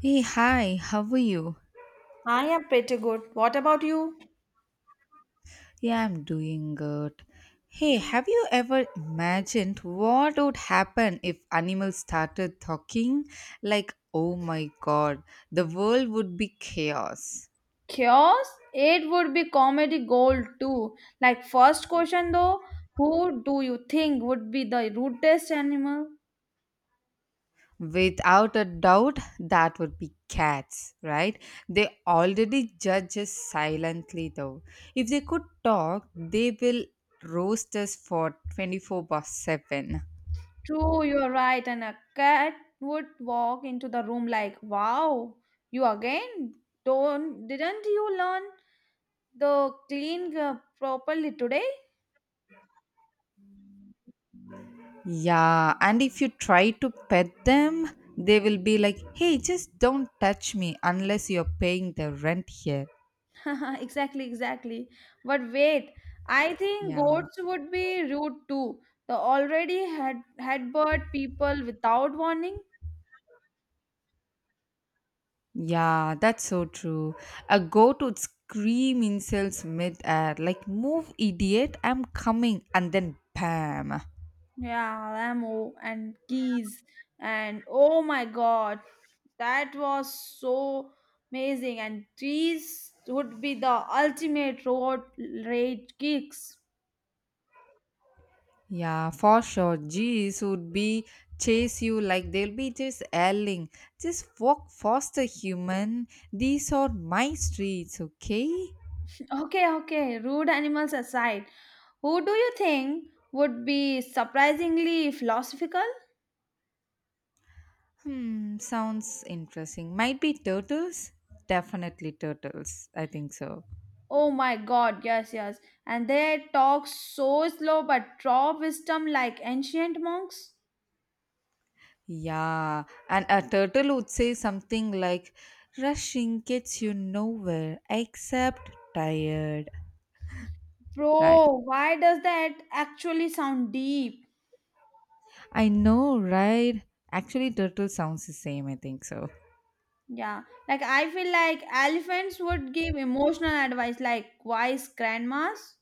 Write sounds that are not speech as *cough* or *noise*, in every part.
Hey, hi, how are you? I am pretty good. What about you? Yeah, I'm doing good. Hey, have you ever imagined what would happen if animals started talking? Like, oh my god, the world would be chaos. Chaos? It would be comedy gold too. Like, first question though, who do you think would be the rudest animal? Without a doubt, that would be cats, right? They already judge us silently, though. If they could talk, they will roast us for 24 by 7. True, you're right, and a cat would walk into the room like, "Wow, you again? Don't didn't you learn the clean properly today?" Yeah, and if you try to pet them, they will be like, hey, just don't touch me unless you're paying the rent here. *laughs* Exactly, exactly. But wait, I think Yeah, goats would be rude too. The already had headbutt people without warning. yeah, that's so true. A goat would scream insults mid-air, like, move, idiot, I'm coming, and then bam. Yeah, Lamo, and geese and oh my god, that was so amazing. And trees would be the ultimate road rage kicks. Yeah, for sure. Geese would be chase you like they'll be just yelling, just walk faster, human. These are my streets, okay? Okay, okay. Rude animals aside, who do you think would be surprisingly philosophical? Sounds interesting. Might be turtles? Definitely turtles. I think so. Oh my god, yes, yes. And they talk so slow but draw wisdom like ancient monks. Yeah, and a turtle would say something like, rushing gets you nowhere except tired. Right. Bro, why does that actually sound deep? I know, right? Actually, turtle sounds the same, I think so. Yeah, like I feel like elephants would give emotional advice like wise grandmas.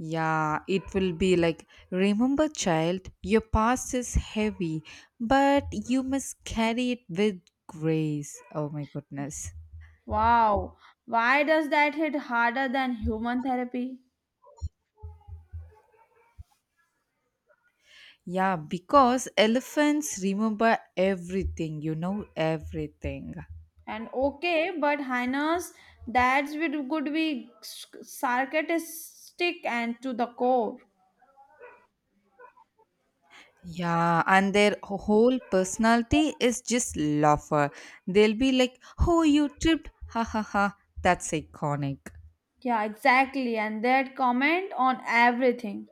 Yeah, it will be like, remember, child, your past is heavy, but you must carry it with grace. Oh my goodness. Wow, why does that hit harder than human therapy? Yeah, because elephants remember everything, everything. And okay, but hyenas, that's would could be sarcastic and to the core. Yeah, and their whole personality is just laughter. They'll be like, oh, you tripped, ha ha ha. That's iconic. Yeah, exactly. And that comment on everything.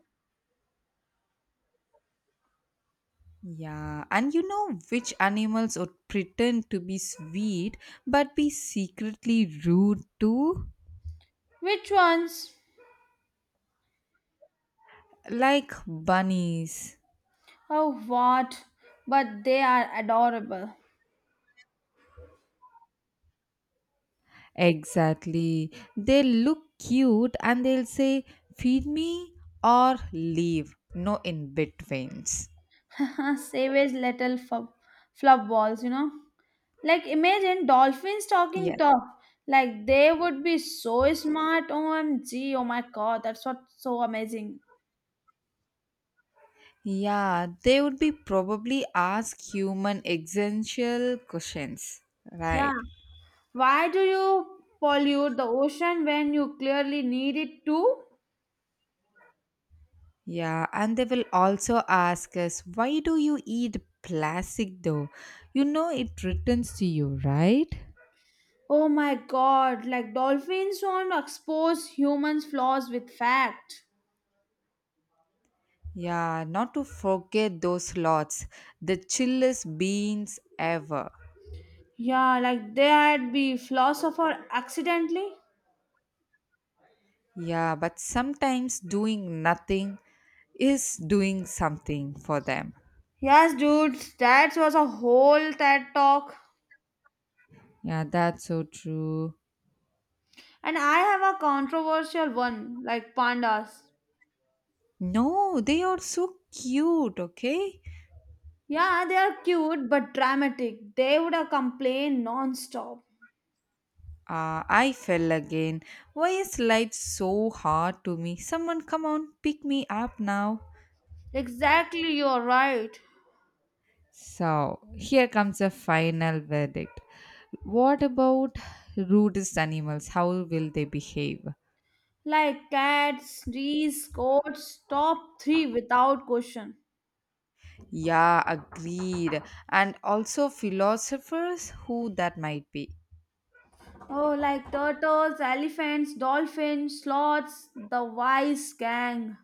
Yeah, and you know which animals would pretend to be sweet but be secretly rude too? Which ones? Like bunnies. Oh, what? But they are adorable. Exactly. They look cute and they'll say, feed me or leave. No in betweens. *laughs* Savage little fluff balls, you know? Like, imagine dolphins talking Yeah. tough. Like, they would be so smart. OMG. Oh my god. That's what's so amazing. Yeah, they would be probably ask human existential questions. Yeah. Right. Why do you pollute the ocean when you clearly need it to? Yeah, and they will also ask us, why do you eat plastic though? You know it returns to you, right? Oh my god, like dolphins don't expose humans' flaws with fact. Yeah, not to forget those lots, the chillest beans ever. Yeah, like they had be philosopher accidentally. Yeah, but sometimes doing nothing is doing something for them. Yes, dude, that was a whole TED talk. Yeah, that's so true. And I have a controversial one, like pandas. No, they are so cute, okay? Yeah, they are cute but dramatic. They would have complained non-stop. Ah, I fell again. Why is life so hard to me? Someone come on, pick me up now. Exactly, you're right. So, here comes the final verdict. What about rudest animals? How will they behave? Like cats, Reese, goats, top three without question. Yeah, agreed. And also philosophers, who that might be. Oh, like turtles, elephants, dolphins, sloths, the wise gang.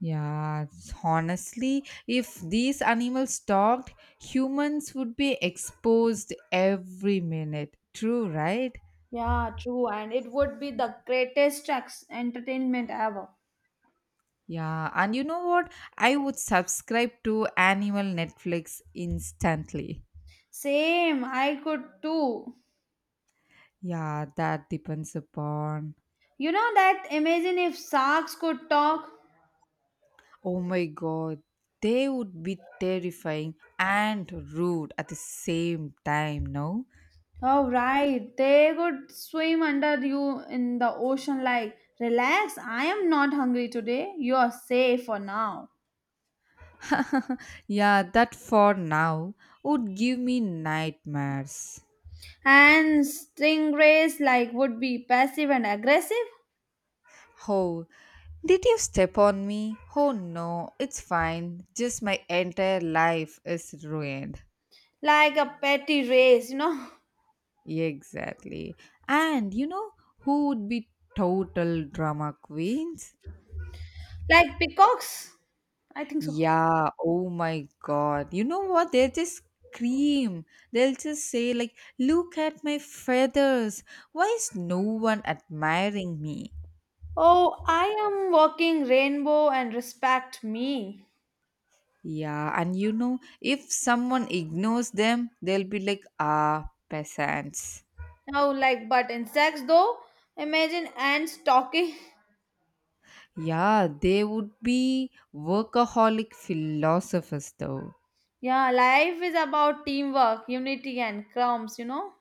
Yeah, honestly, if these animals talked, humans would be exposed every minute. True, right? Yeah, true. And it would be the greatest entertainment ever. Yeah, and you know what? I would subscribe to Animal Netflix instantly. Same, I could too. Yeah, that depends upon. You know that? Imagine if sharks could talk. Oh my god, they would be terrifying and rude at the same time, no? Oh, right. They could swim under you in the ocean, like, relax, I am not hungry today. You are safe for now. *laughs* yeah, that for now would give me nightmares. And stingrays, like, would be passive and aggressive Oh, did you step on me? Oh no, it's fine. Just my entire life is ruined. like a petty race, you know, Exactly. And you know who would be total drama queens? like peacocks. I think so. Yeah, oh my god. You know what? They'll just scream. They'll just say, like, look at my feathers. Why is no one admiring me? Oh, I am walking rainbow and respect me. Yeah, and you know, if someone ignores them, they'll be like, ah, peasants. No, like, but insects though, imagine ants talking. *laughs* Yeah, they would be workaholic philosophers, though. Yeah, life is about teamwork, unity, and crumbs, you know.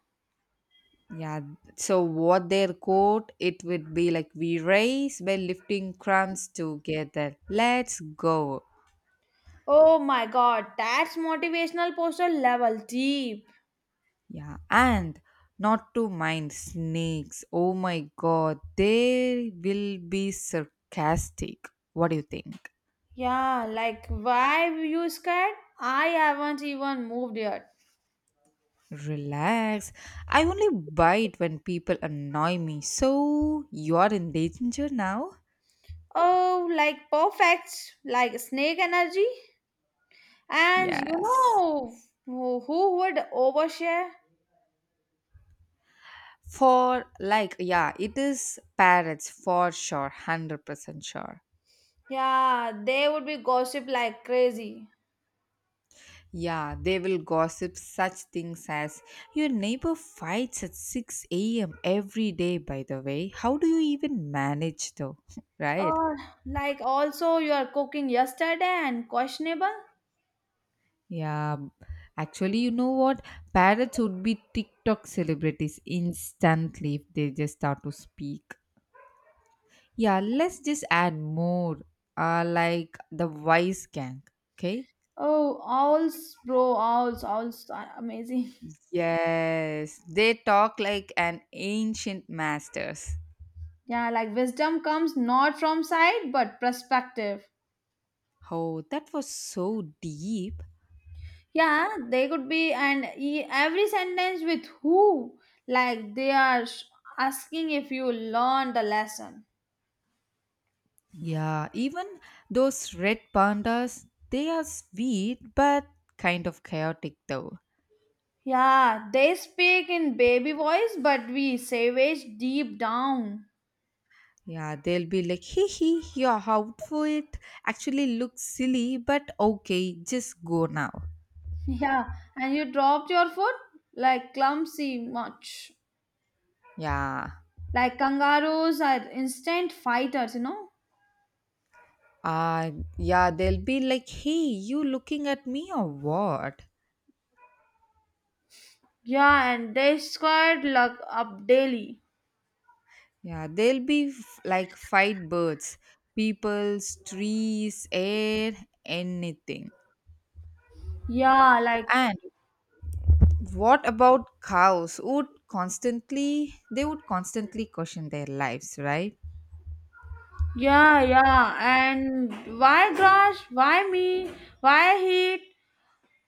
Yeah, so what their quote it would be like we race by lifting crumbs together. Let's go. Oh my god, that's motivational poster level deep. Yeah, and not to mind snakes. Oh my god, they will be sarcastic. What do you think? Yeah, like, why were you scared? I haven't even moved yet. Relax. I only bite when people annoy me. So you are in danger now? Oh, like perfect, like snake energy. And you Yes. know who would overshare? For like, yeah, it is parrots for sure, 100% sure. Yeah, they would be gossip like crazy. Yeah, they will gossip such things as your neighbor fights at 6 a.m. every day, by the way. How do you even manage though? *laughs* right? Uh, like also you are cooking yesterday and questionable. Yeah, actually, you know what? Parrots would be TikTok celebrities instantly if they just start to speak. Yeah, let's just add more, like the wise gang, okay? Oh, owls, bro, owls are amazing. *laughs* Yes, they talk like an ancient masters. Yeah, like wisdom comes not from sight but perspective. Oh, that was so deep. Yeah, they could be and every sentence with who, like they are asking if you learned the lesson. Yeah, even those red pandas, they are sweet but kind of chaotic though. Yeah, they speak in baby voice, but we savage deep down. *laughs* Yeah, they'll be like, hee hee, your outfit actually looks silly, but okay, just go now. Yeah, and you dropped your foot like clumsy much. Yeah. Like kangaroos are instant fighters, you know? Uh, yeah, they'll be like, hey, you looking at me or what? Yeah, and they squirt luck up daily. Yeah, like fight birds, peoples, trees, air, anything. Yeah, like And what about cows? Would constantly they would constantly question their lives, right? yeah. And why grass? Why me? Why heat?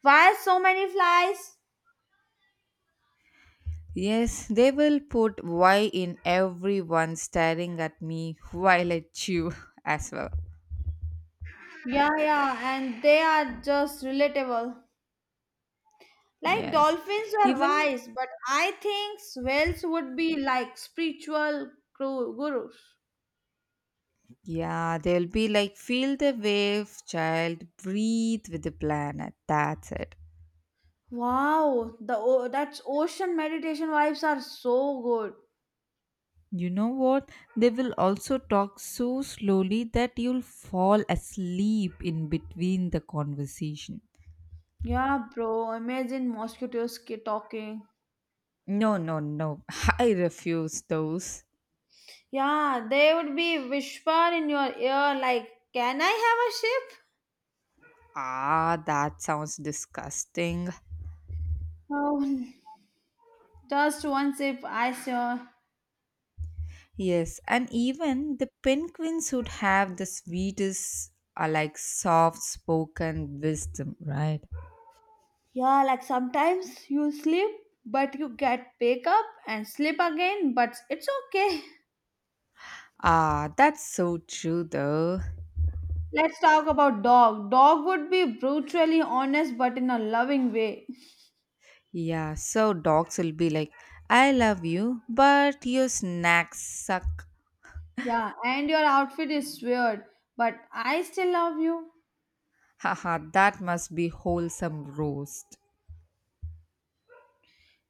Why so many flies? Yes, they will put why in everyone staring at me while I chew *laughs* as well. Yeah, yeah, and they are just relatable. Like Yes. dolphins are Even wise, but I think whales would be like spiritual gurus. yeah, they'll be like feel the wave, child, breathe with the planet. That's it. Wow, the that's ocean meditation vibes are so good. You know what? They will also talk so slowly that you'll fall asleep in between the conversation. Yeah, bro. Imagine mosquitoes talking. No, no, no. *laughs* I refuse those. Yeah, they would be whisper in your ear like, "Can I have a sip?" Ah, that sounds disgusting. Oh, just one sip, I saw. Yes, and even the penguins would have the sweetest, like soft spoken wisdom, right? Yeah, like sometimes you sleep, but you get wake up and sleep again. But it's okay. Ah, that's so true though. Let's talk about dog. Dog would be brutally honest but in a loving way. Yeah, so dogs will be like, I love you, but your snacks suck. Yeah, and your outfit is weird, but I still love you. Haha, that must be wholesome roast.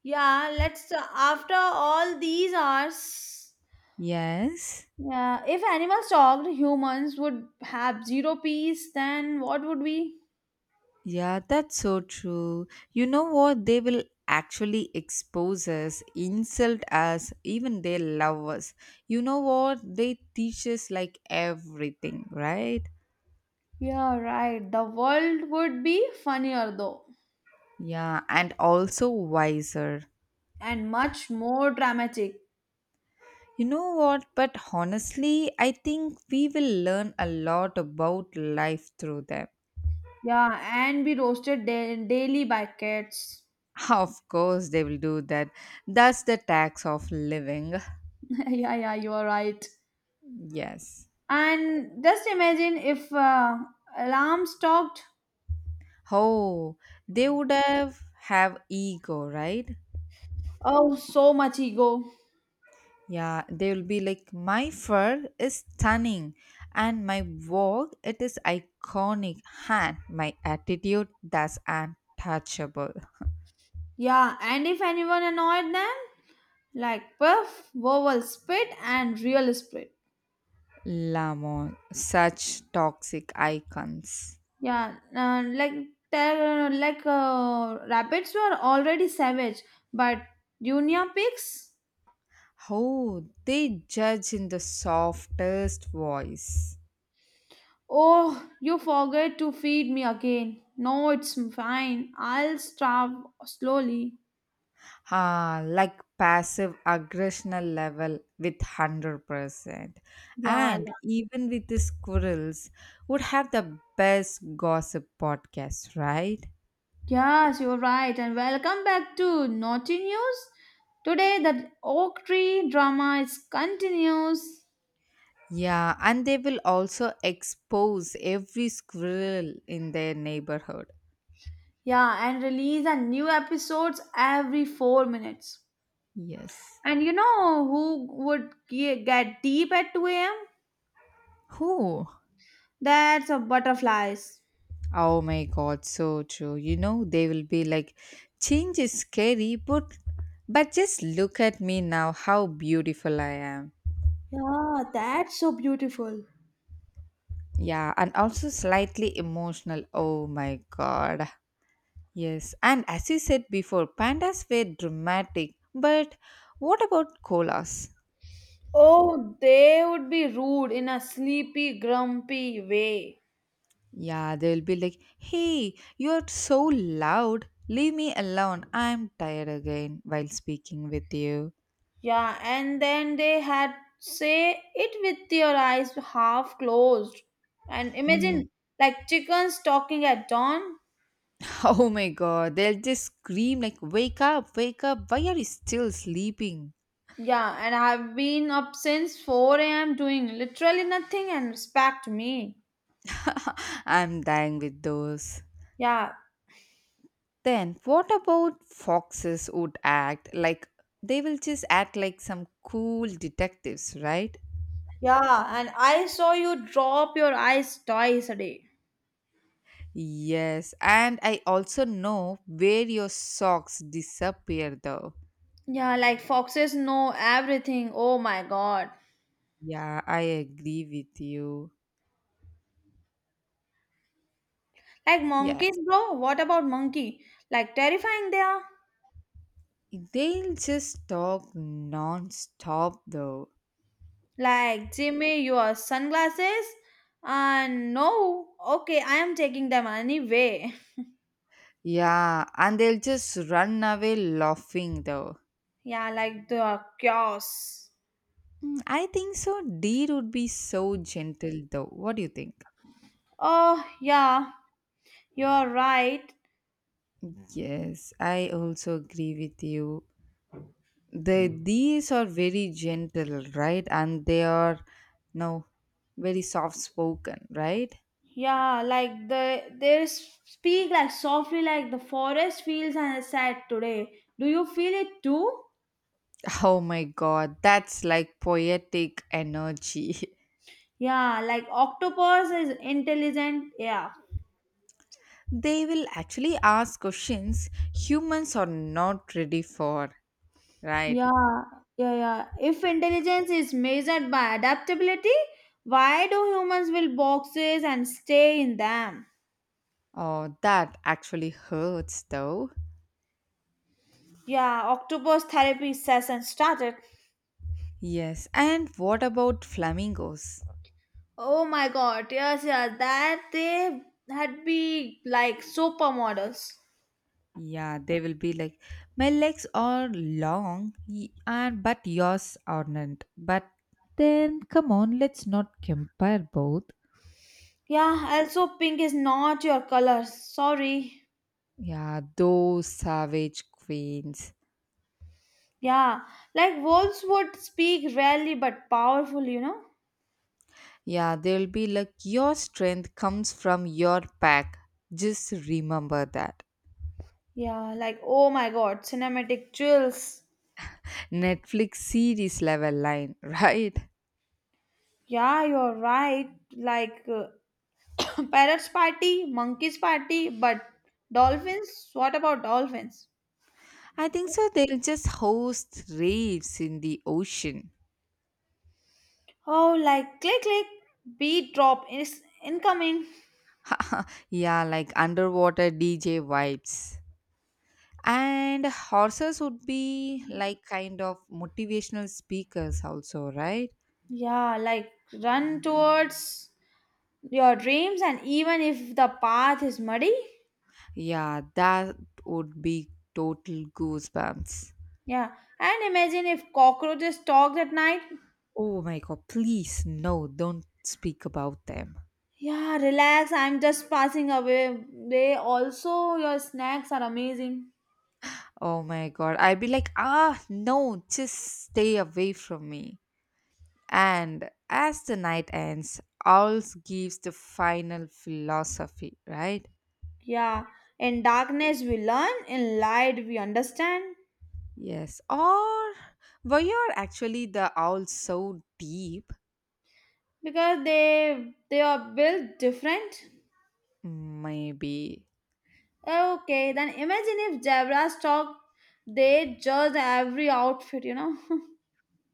Yeah, let's after all these hours. Yes. Yeah, if animals talked, humans would have zero peace, then what would we? Yeah, that's so true. You know what? They will actually expose us, insult us, even they love us. You know what? They teach us like everything, right? Yeah, right. The world would be funnier though, Yeah, and also wiser. and much more dramatic. You know what? But honestly, I think we will learn a lot about life through them. Yeah, and be roasted daily by cats. *laughs* Of course, they will do that. That's the tax of living. *laughs* *laughs* Yeah, yeah, you are right. Yes. And just imagine if alarms talked. Oh, they would have ego, right? Oh, so much ego. Yeah, they will be like my fur is stunning and my work it is iconic and my attitude that's untouchable. Yeah, and if anyone annoyed them, like puff, vowel spit, and real spit. Lamon, such toxic icons. Yeah, like like rabbits were already savage, but junior pigs. Oh, they judge in the softest voice. Oh, you forget to feed me again. No, it's fine. I'll starve slowly. Ah, like passive aggressional level with 100%. Yeah. And even with the squirrels, would have the best gossip podcast, right? Yes, you're right, and welcome back to Naughty News. Today, the Oak Tree drama is continues. Yeah, and they will also expose every squirrel in their neighborhood. Yeah, and release a new episodes every 4 minutes. Yes. And you know who would get deep at 2 a.m.? Who? That's a butterflies. Oh my god, so true. You know, they will be like, change is scary, but just look at me now, how beautiful I am. Yeah, that's so beautiful. Yeah, and also slightly emotional. Oh my god. Yes, and as you said before, pandas were dramatic. But what about koalas? Oh, they would be rude in a sleepy, grumpy way. Yeah, they'll be like, hey, you're so loud. Leave me alone. I'm tired again while speaking with you. Yeah, and then they had say it with your eyes half closed. And Hmm. imagine *laughs* like chickens talking at dawn. Oh my god, they'll just scream like, wake up, wake up. Why are you still sleeping? Yeah, and I've been up since 4 a.m. doing literally nothing and respect me. *laughs* I'm dying with those. Yeah, Then, what about foxes would act like they will just act like some cool detectives, right? yeah, and I saw you drop your eyes twice a day. Yes, and I also know where your socks disappear though. Yeah, like foxes know everything. Oh my god. Yeah, I agree with you. Like monkeys, Yes, bro. What about monkey? Like terrifying they are. they'll just talk non stop though. Like, Jimmy, your sunglasses? And no, okay, I am taking them anyway. *laughs* Yeah, and they'll just run away laughing though. Yeah, like the chaos. I think so. Deer would be so gentle though. What do you think? Oh, yeah, you're right. Yes, I also agree with you. The these are very gentle, right? And they are no very soft spoken, right? Yeah, like they speak like softly, like the forest feels and sad today. Do you feel it too? *laughs* Oh my god, that's like poetic energy. *laughs* Yeah, like octopus is intelligent. Yeah, they will actually ask questions humans are not ready for, right? Yeah, yeah. If intelligence is measured by adaptability, why do humans build boxes and stay in them? Oh, that actually hurts though. Yeah, octopus therapy session started. Yes, and what about flamingos? Oh my god, yes, yeah, that they had be like supermodels. Yeah, they will be like, my legs are long, and but yours aren't. But then, come on, let's not compare both. Yeah, also pink is not your color. Sorry. Yeah, those savage queens. Yeah, like wolves would speak rarely but powerful, you know? Yeah, they'll be like, your strength comes from your pack. Just remember that. Yeah, like oh my god, cinematic chills. Netflix series level line, *laughs* right? Yeah, you're right. Like *coughs* parrots party, monkeys party, but dolphins? What about dolphins? I think so. They'll just host raves in the ocean. Oh, like click click, beat drop is incoming. *laughs* yeah, like underwater DJ vibes. And horses would be like kind of motivational speakers, also, right? Yeah, like run towards your dreams, and even if the path is muddy. Yeah, that would be total goosebumps. Yeah, and imagine if cockroaches talked at night. Oh my god, please, no, don't speak about them. Yeah, relax. I'm just passing away. They also your snacks are amazing. Oh my god, I'd be like, ah, no, just stay away from me. And as the night ends, owls gives the final philosophy, right? Yeah, in darkness we learn, in light we understand Yes. Or were you actually the owl so deep? because they are built different. Maybe. Okay, then imagine if zebras talk, they judge every outfit, you know, *laughs*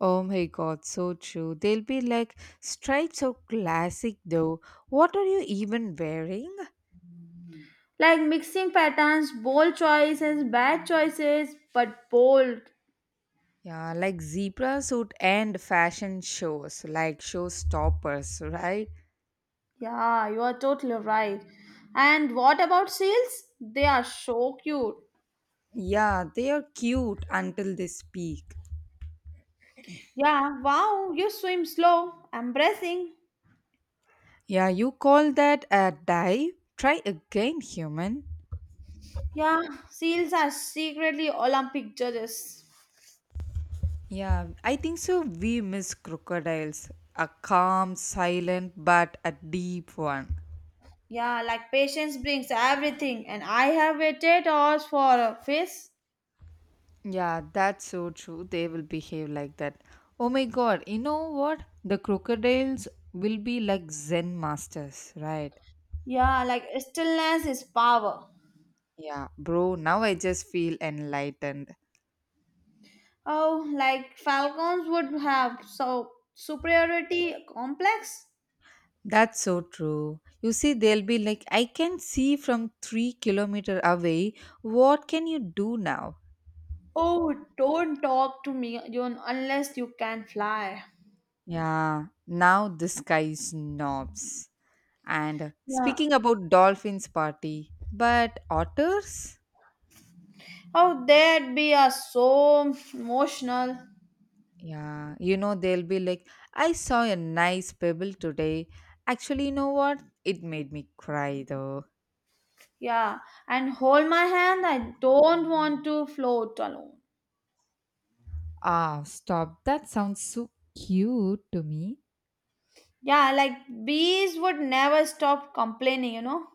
Oh my god, so true. They'll be like, stripes are classic though. What are you even wearing? like mixing patterns, bold choices, bad choices, but bold. Yeah, like zebra suit and fashion shows, like show stoppers, right? Yeah, you are totally right. And what about seals? They are so cute. Yeah, they are cute until they speak. Yeah, wow, you swim slow, embracing. Yeah, you call that a dive? Try again, human. Yeah, seals are secretly Olympic judges. Yeah, I think so. We miss crocodiles. A calm, silent, but a deep one. Yeah, like patience brings everything, and I have waited hours for a fish. Yeah, that's so true. They will behave like that. Oh my god, you know what? The crocodiles will be like Zen masters, right? Yeah, like stillness is power. Yeah, bro, now I just feel enlightened. Oh, like falcons would have so superiority complex. That's so true. You see, they'll be like, I can see from 3 kilometers away. What can you do now? Oh, don't talk to me, June, unless you can fly. Yeah, now this guy snobs. And Yeah. speaking about dolphins party, but otters? Oh, that be are so emotional. Yeah, you know, they'll be like, I saw a nice pebble today. Actually, you know what? It made me cry though. Yeah, and hold my hand. I don't want to float alone. Ah, stop. That sounds so cute to me. Yeah, like bees would never stop complaining, you know.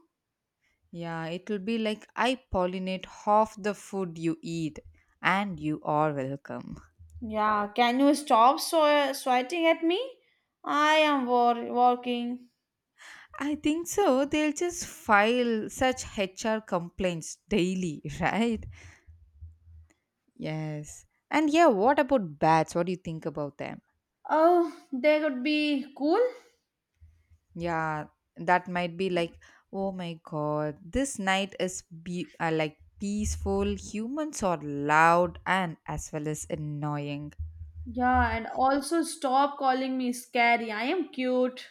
Yeah, it'll be like, I pollinate half the food you eat, and you are welcome. Yeah, can you stop sweating at me? I am working. I think so. They'll just file such HR complaints daily, *laughs* right? Yes. And yeah, what about bats? What do you think about them? Oh, they would be cool. Yeah, that might be like, oh my god, this night is like peaceful. Humans are loud and as well as annoying. Yeah, and also stop calling me scary. I am cute.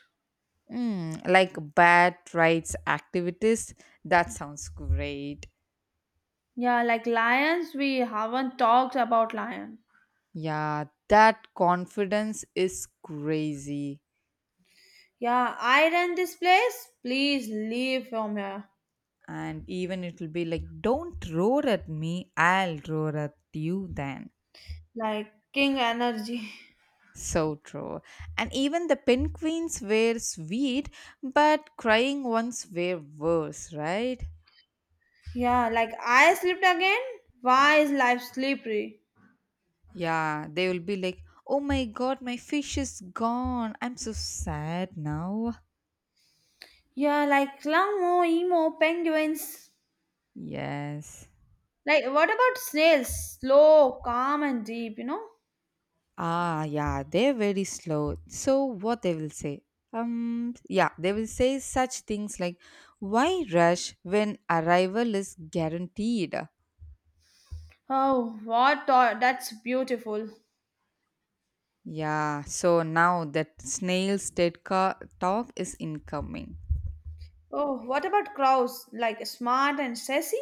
Like bad rights activities. That sounds great. Yeah, like lions, we haven't talked about lion. Yeah, that confidence is crazy. Yeah, I run this place. Please leave from here. And even it'll be like, don't roar at me, I'll roar at you then. Like king energy. *laughs* So true. And even the penguins were sweet, but crying ones were worse, right? Yeah, like I slept again. Why is life slippery? Yeah, they will be like, oh my god, my fish is gone. I'm so sad now. Yeah, like Lamo, Emo, penguins. Yes. Like, what about snails? Slow, calm, and deep, you know? Ah, yeah, they're very slow. So what they will say? Yeah, they will say such things like, why rush when arrival is guaranteed? Oh, what? That's beautiful. Yeah, so now that snail's dead car talk is incoming. Oh, what about crows? Like, smart and sassy?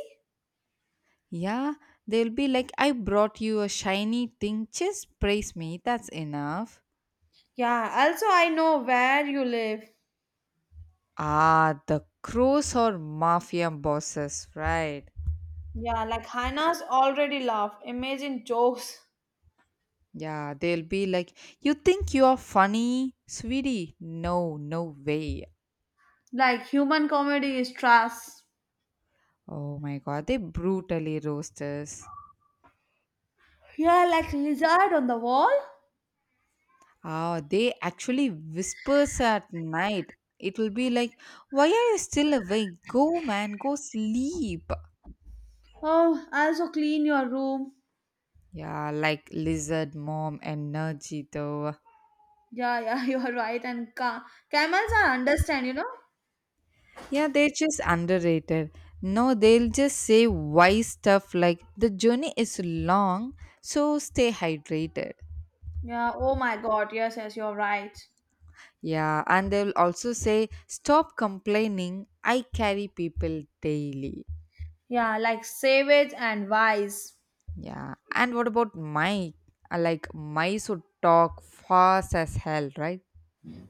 Yeah, they'll be like, I brought you a shiny thing, just praise me, that's enough. Yeah, also, I know where you live. Ah, the crows or mafia bosses, right? Yeah, like hyenas already laugh. Imagine jokes. Yeah, they'll be like, you think you are funny, sweetie? No, no way. Like, human comedy is trash. Oh my god, they brutally roast us. Yeah, like lizard on the wall. Ah, they actually whispers at night. It will be like, why are you still awake? Go, man, go sleep. Oh, also clean your room. Yeah, like lizard mom energy though. Yeah, yeah, *laughs* you are right. And camels are understand, you know. Yeah, they're just underrated. No, they'll just say wise stuff like the journey is long, so stay hydrated. Yeah, oh my god, yes, yes, you're right. Yeah, and they'll also say stop complaining. I carry people daily. Yeah, like savage and wise. Yeah, and what about Mike? Like mice would talk fast as hell, right?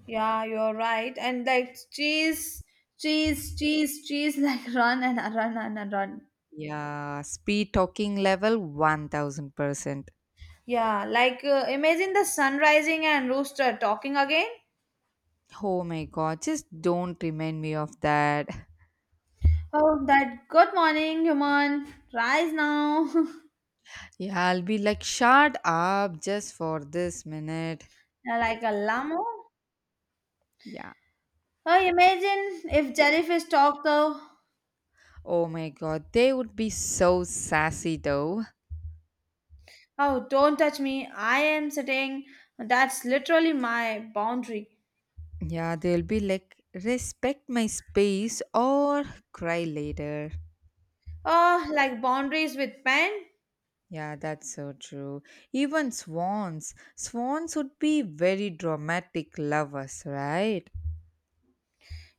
Yeah, you're right. And like cheese, cheese, *laughs* like run and a run and a run. Yeah, speed talking level 1000%. Yeah, like imagine the sun rising and rooster talking again. Oh my god, just don't remind me of that. Oh, that good morning, human. Rise now. *laughs* Yeah, I'll be like, shut up just for this minute. Yeah, like a llama. Yeah. Oh, imagine if jellyfish talk though. Oh my god, they would be so sassy though. Oh, don't touch me. I am sitting. That's literally my boundary. Yeah, they'll be like, respect my space or cry later. Like boundaries with pen? Yeah, that's so true. Even swans. Swans would be very dramatic lovers, right?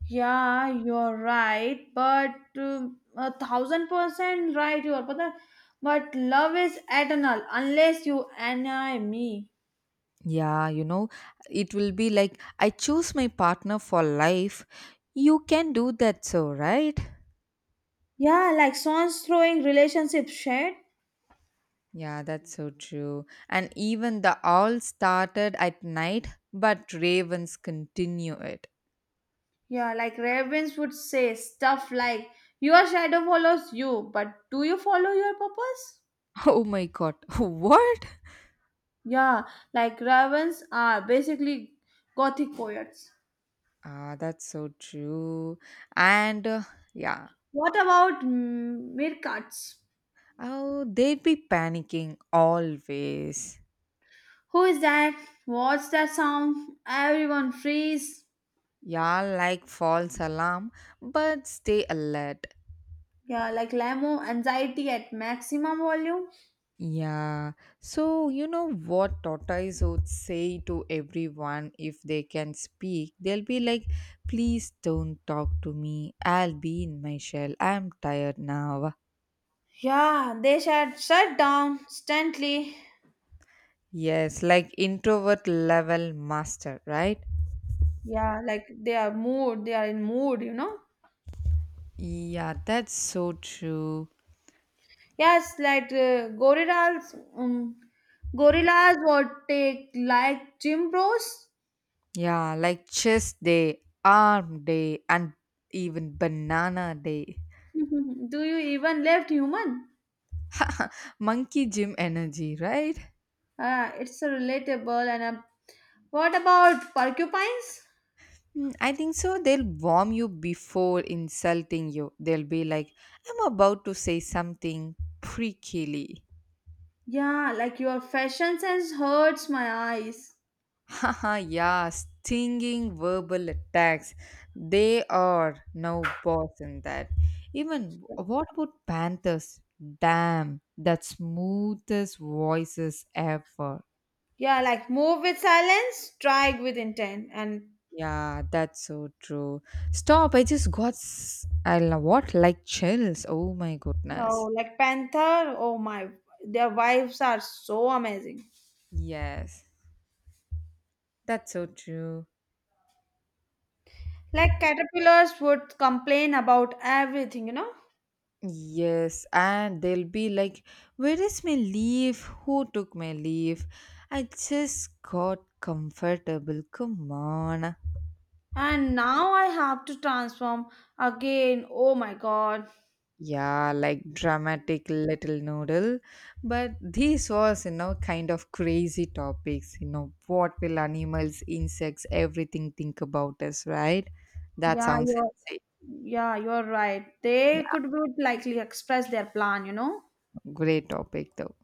Yeah, you're right, but 1000% right, you are. But, but love is eternal unless you annoy me. Yeah, you know, it will be like, I choose my partner for life. You can do that so, right? Yeah, like swans throwing relationship shade. Yeah, that's so true. And even the all started at night, but ravens continue it. Yeah, like ravens would say stuff like, your shadow follows you, but do you follow your purpose? *laughs* Oh my god, *laughs* what? Yeah, like ravens are basically gothic poets. Ah, that's so true. And yeah, What about meerkats? oh, they'd be panicking always. Who is that? What's that sound? Everyone freeze. Yeah, like false alarm, but stay alert. Yeah, like Lamo, anxiety at maximum volume. Yeah. So, you know what tortoise would say to everyone if they can speak? They'll be like, please don't talk to me. I'll be in my shell. I'm tired now. Yeah, they should shut down instantly. Yes, like introvert level master, right? Yeah, like they are in mood, you know. Yeah, that's so true. Yes, like gorillas, gorillas or take like gym bros. Yeah, like chest day, arm day, and even banana day. *laughs* Do you even left human? *laughs* Monkey gym energy, right? It's a relatable and a, what about porcupines? I think so. They'll warm you before insulting you. They'll be like, I'm about to say something prickly. Yeah, like your fashion sense hurts my eyes. Haha, *laughs* yeah, stinging verbal attacks. They are no boss in that. Even what about panthers? Damn, that smoothest voices ever. Yeah, like move with silence, strike with intent. And Yeah, that's so true. Stop, I just got, I don't know what, like chills. Oh my goodness. oh, like Panther, oh my, their wives are so amazing. Yes. That's so true. Like caterpillars would complain about everything, you know? Yes, and they'll be like, where is my leave? Who took my leave? I just got comfortable. Come on. And now I have to transform again. Oh my god. Yeah, like dramatic little noodle. But this was, you know, kind of crazy topics. You know, what will animals, insects, everything think about us, right? That Yeah, sounds you're insane. yeah, you're right. Yeah, They could would likely express their plan, you know? great topic though.